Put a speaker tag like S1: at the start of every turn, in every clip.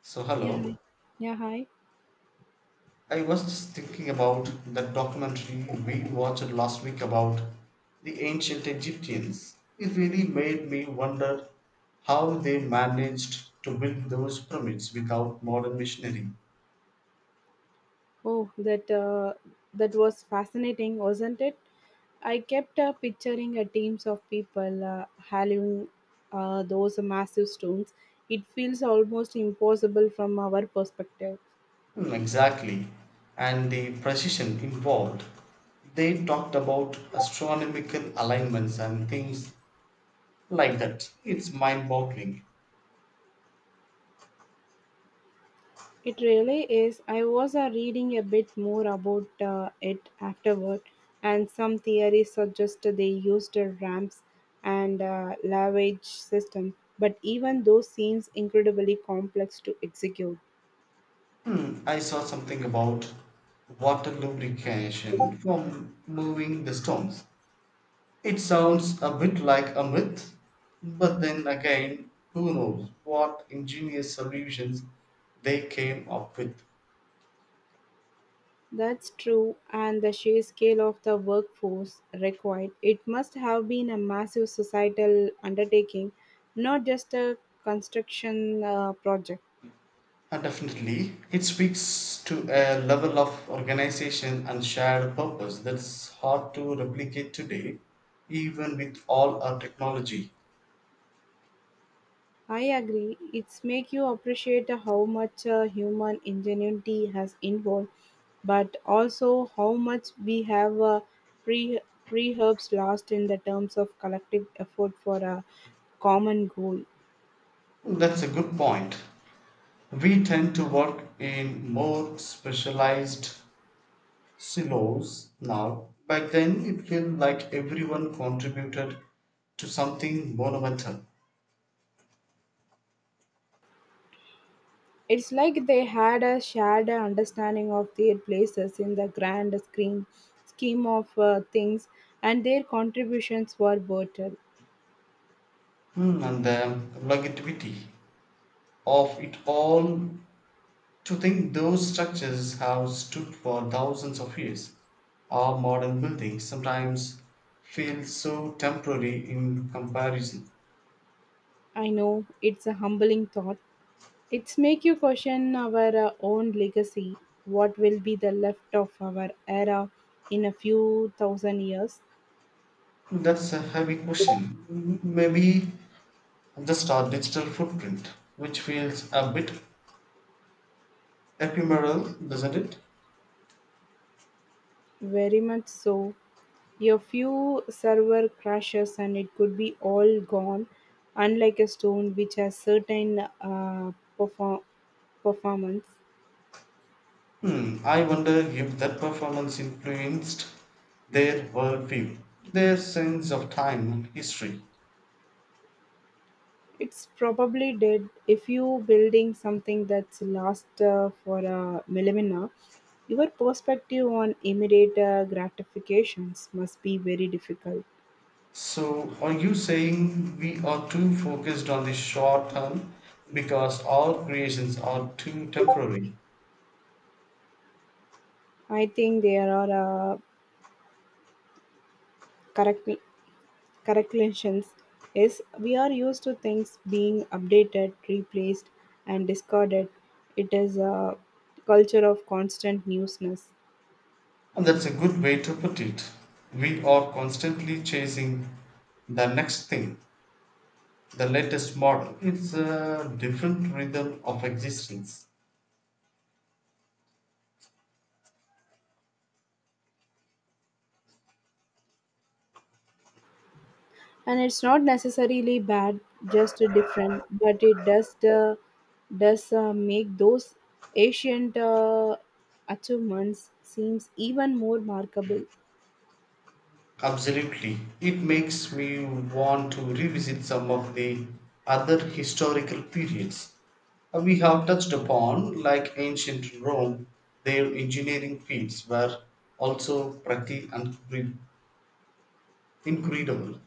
S1: So,
S2: Yeah,
S1: hello.
S2: hi. Yeah, hi.
S1: I was just thinking about that documentary we watched last week about the ancient Egyptians. It really made me wonder how they managed to build those pyramids without modern machinery.
S2: Oh, that was fascinating, wasn't it? I kept picturing a teams of people hauling those massive stones. It feels almost impossible from our perspective.
S1: Hmm. Exactly. And the precision involved. They talked about astronomical alignments and things like that. It's mind boggling.
S2: It really is. I was reading a bit more about it afterward, and some theories suggest they used ramps and lavage system. But even those seems incredibly complex to execute.
S1: I saw something about water lubrication from moving the stones. It sounds a bit like a myth, but then again, who knows what ingenious solutions they came up with.
S2: That's true, and the sheer scale of the workforce required. It must have been a massive societal undertaking, not just a construction project.
S1: And definitely, it speaks to a level of organization and shared purpose that's hard to replicate today, even with all our technology.
S2: I agree. It's make you appreciate how much human ingenuity has involved, but also how much we have pre preherbs lost in the terms of collective effort for a common goal.
S1: That's a good point. We tend to work in more specialized silos now. Back then, it felt like everyone contributed to something monumental.
S2: It's like they had a shared understanding of their places in the grand scheme of things, and their contributions were vital.
S1: And the longevity of it all, to think those structures have stood for thousands of years. Our modern buildings sometimes feel so temporary in comparison.
S2: I know it's a humbling thought. It's make you question our own legacy. What will be the left of our era in a few thousand years?
S1: That's a heavy question. Maybe just our digital footprint, which feels a bit ephemeral, doesn't it?
S2: Very much so. A few server crashes and it could be all gone, unlike a stone which has certain perform- performance.
S1: I wonder if that performance influenced their worldview, their sense of time and history.
S2: It's probably dead if you building something that's last for a millennia. Your perspective on immediate gratifications must be very difficult.
S1: So, are you saying we are too focused on the short term because all creations are too temporary?
S2: I think there are correct corrections is we are used to things being updated, replaced, and discarded. It is a culture of constant newness.
S1: And that's a good way to put it. We are constantly chasing the next thing, the latest model. It's a different rhythm of existence.
S2: And it's not necessarily bad, just different, but it does make those ancient achievements seems even more remarkable.
S1: Absolutely, it makes me want to revisit some of the other historical periods we have touched upon, like ancient Rome. Their engineering feats were also pretty incredible.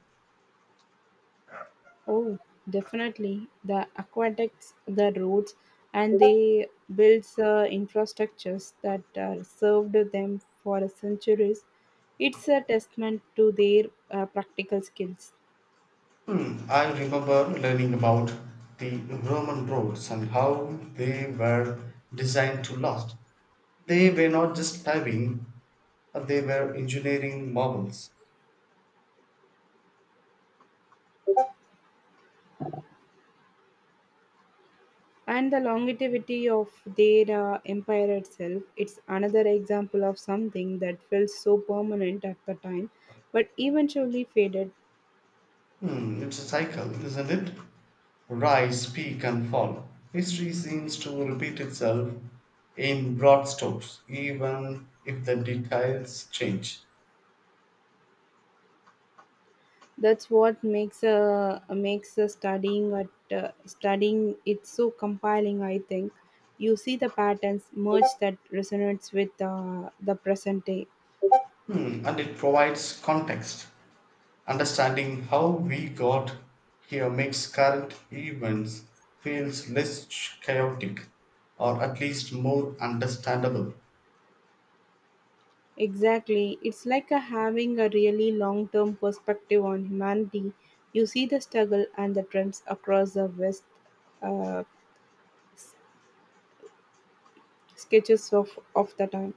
S2: Oh, definitely. The aqueducts, the roads, and they built infrastructures that served them for centuries. It's a testament to their practical skills
S1: I remember learning about the Roman roads and how they were designed to last. They were not just paving, but they were engineering marvels.
S2: and the longevity of their empire itself. It's another example of something that felt so permanent at the time, but eventually faded.
S1: It's a cycle, isn't it? Rise, peak, and fall. History seems to repeat itself in broad strokes, even if the details change.
S2: That's what makes a makes a studying at studying it's so compelling. I think you see the patterns merge that resonates with the present day.
S1: And it provides context. Understanding how we got here makes current events feels less chaotic, or at least more understandable.
S2: Exactly, it's like a having a really long term perspective on humanity. You see the struggle and the trends across the West, uh, sketches of the time.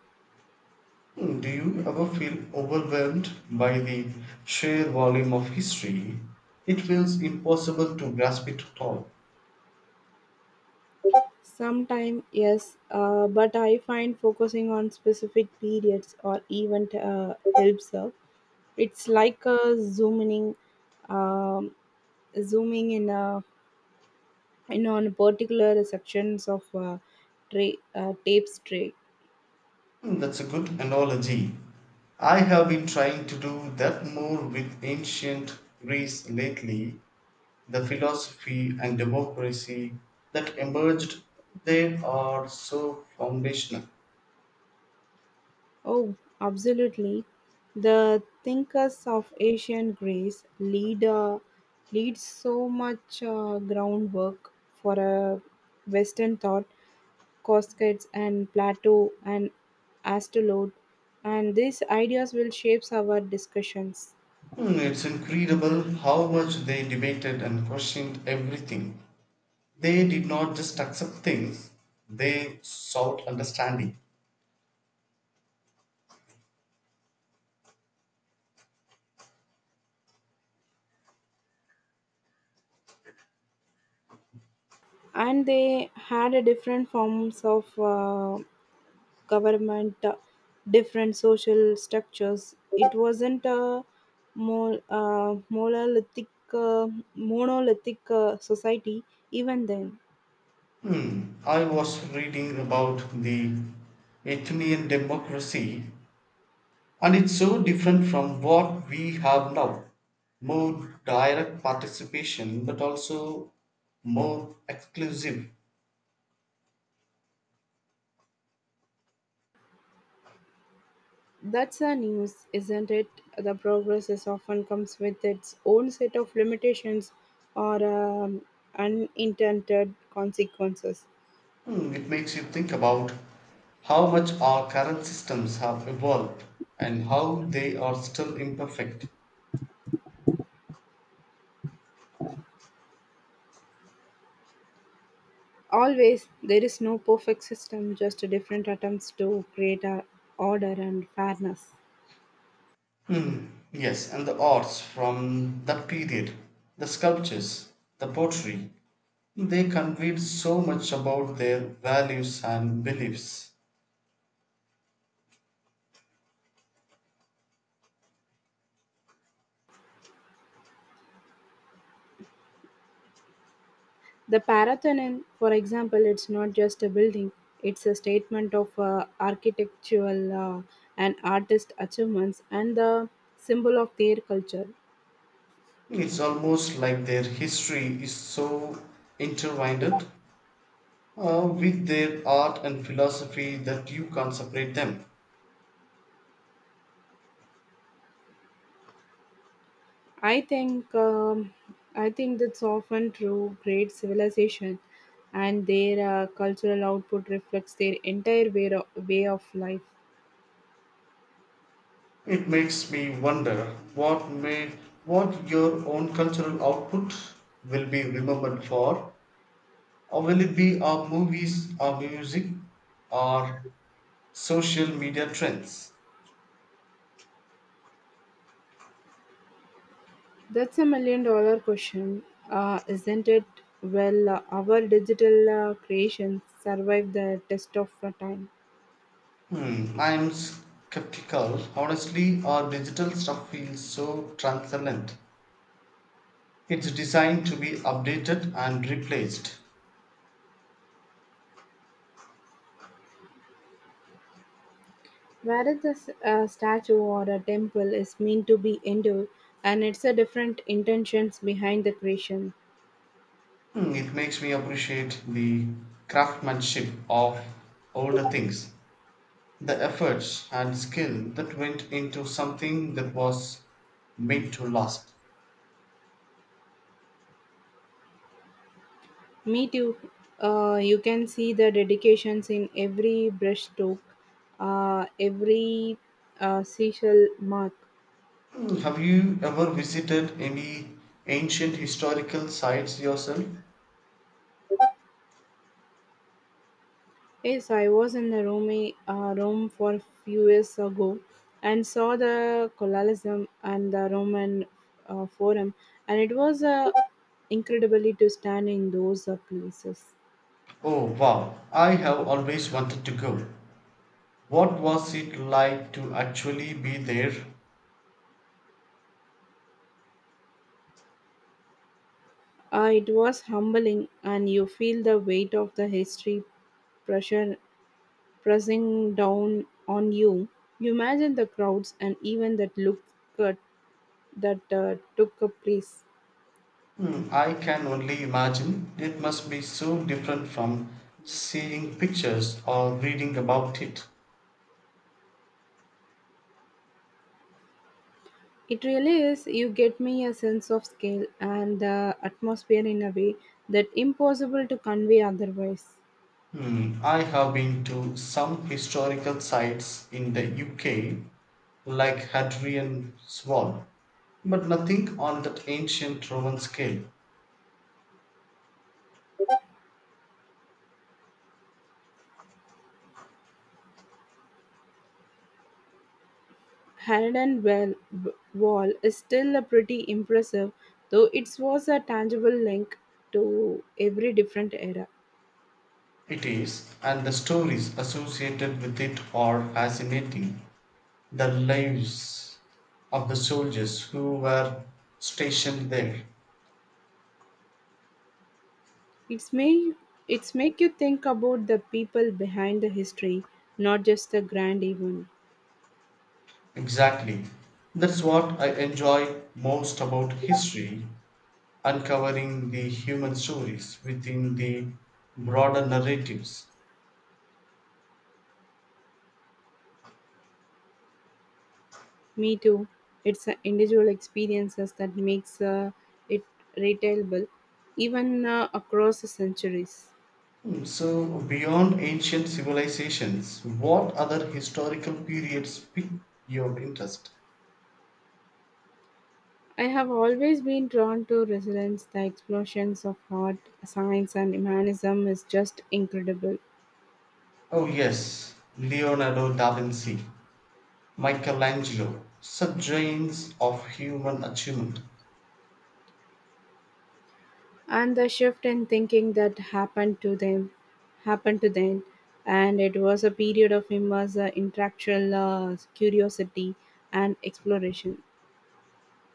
S1: Do you ever feel overwhelmed by the sheer volume of history? It feels impossible to grasp it at all.
S2: Sometime, yes, but I find focusing on specific periods or event helps. Her. It's like um, zooming in on particular sections of tray.
S1: That's a good analogy. I have been trying to do that more with ancient Greece lately. The philosophy and democracy that emerged, they are so foundational.
S2: Oh, absolutely. The thinkers of ancient Greece lead so much groundwork for a Western thought. Coscates and Plato and Astrolode, and these ideas will shape our discussions.
S1: It's incredible how much they debated and questioned everything. They did not just accept things, they sought understanding.
S2: And they had a different forms of government, different social structures. It wasn't a mo- uh, monolithic uh, monolithic society even then.
S1: I was reading about the Athenian democracy, and it's so different from what we have now. More direct participation, but also more exclusive.
S2: That's the news, isn't it? The progress is often comes with its own set of limitations or unintended consequences.
S1: It makes you think about how much our current systems have evolved and how they are still imperfect.
S2: Always, there is no perfect system, just different attempts to create a order and fairness.
S1: Yes, and the arts from that period, the sculptures, the pottery, they conveyed so much about their values and beliefs.
S2: The Parathonin, for example, it's not just a building, it's a statement of architectural and artist achievements and the symbol of their culture.
S1: It's almost like their history is so intertwined with their art and philosophy that you can't separate them.
S2: I think um, I think that's often true. Great civilization and their cultural output reflects their entire way of life.
S1: It makes me wonder what may what your own cultural output will be remembered for, or will it be our movies, our music, our social media trends?
S2: That's a million dollar question, isn't it? Well, our digital creations survive the test of the time.
S1: I'm skeptical. Honestly, our digital stuff feels so transcendent. It's designed to be updated and replaced.
S2: Whereas a statue or a temple is meant to be endured, and it's a different intentions behind the creation.
S1: It makes me appreciate the craftsmanship of older things. The efforts and skill that went into something that was meant to last.
S2: Me too. You can see the dedications in every brushstroke, every seashell mark.
S1: Mm. Have you ever visited any ancient historical sites yourself?
S2: Yes, I was in the Rome for a few years ago and saw the Colosseum and the Roman Forum, and it was incredibly to stand in those places.
S1: Oh wow, I have always wanted to go. What was it like to actually be there?
S2: It was humbling, and you feel the weight of the history pressure pressing down on you. You imagine the crowds and even that look at, that took a place.
S1: Mm. I can only imagine it must be so different from seeing pictures or reading about it.
S2: It really is. You get me a sense of scale and the atmosphere in a way that impossible to convey otherwise.
S1: I have been to some historical sites in the UK, like Hadrian's Wall, but nothing on that ancient Roman scale.
S2: Harden wall is still a pretty impressive, though it was a tangible link to every different era.
S1: It is, and the stories associated with it are fascinating. The lives of the soldiers who were stationed there.
S2: It's made it's make you think about the people behind the history, not just the grand event.
S1: Exactly. That's what I enjoy most about history, uncovering the human stories within the broader narratives.
S2: Me too. It's individual experiences that makes it retailable, even across the centuries.
S1: So, beyond ancient civilizations, what other historical periods pique your interest?
S2: I have always been drawn to resilience. The explosions of art, science, and humanism is just incredible,
S1: Oh, yes, Leonardo da Vinci, Michelangelo, subgenres of human achievement.
S2: and the shift in thinking that happened to them, and it was a period of immense intellectual curiosity and exploration.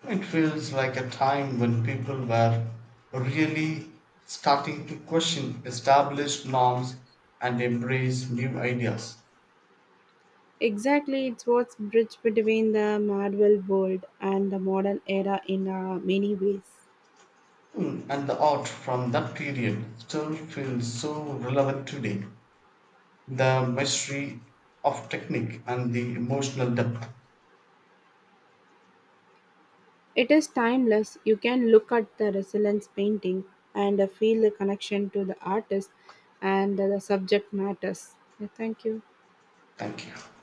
S1: It feels like a time when people were really starting to question established norms and embrace new ideas.
S2: Exactly, it's what's bridge between the Marvel world and the modern era in many ways.
S1: And the art from that period still feels so relevant today. The mastery of technique and the emotional depth.
S2: It is timeless. You can look at the resilience painting and feel the connection to the artist and the subject matters. Yeah, thank you.
S1: Thank you.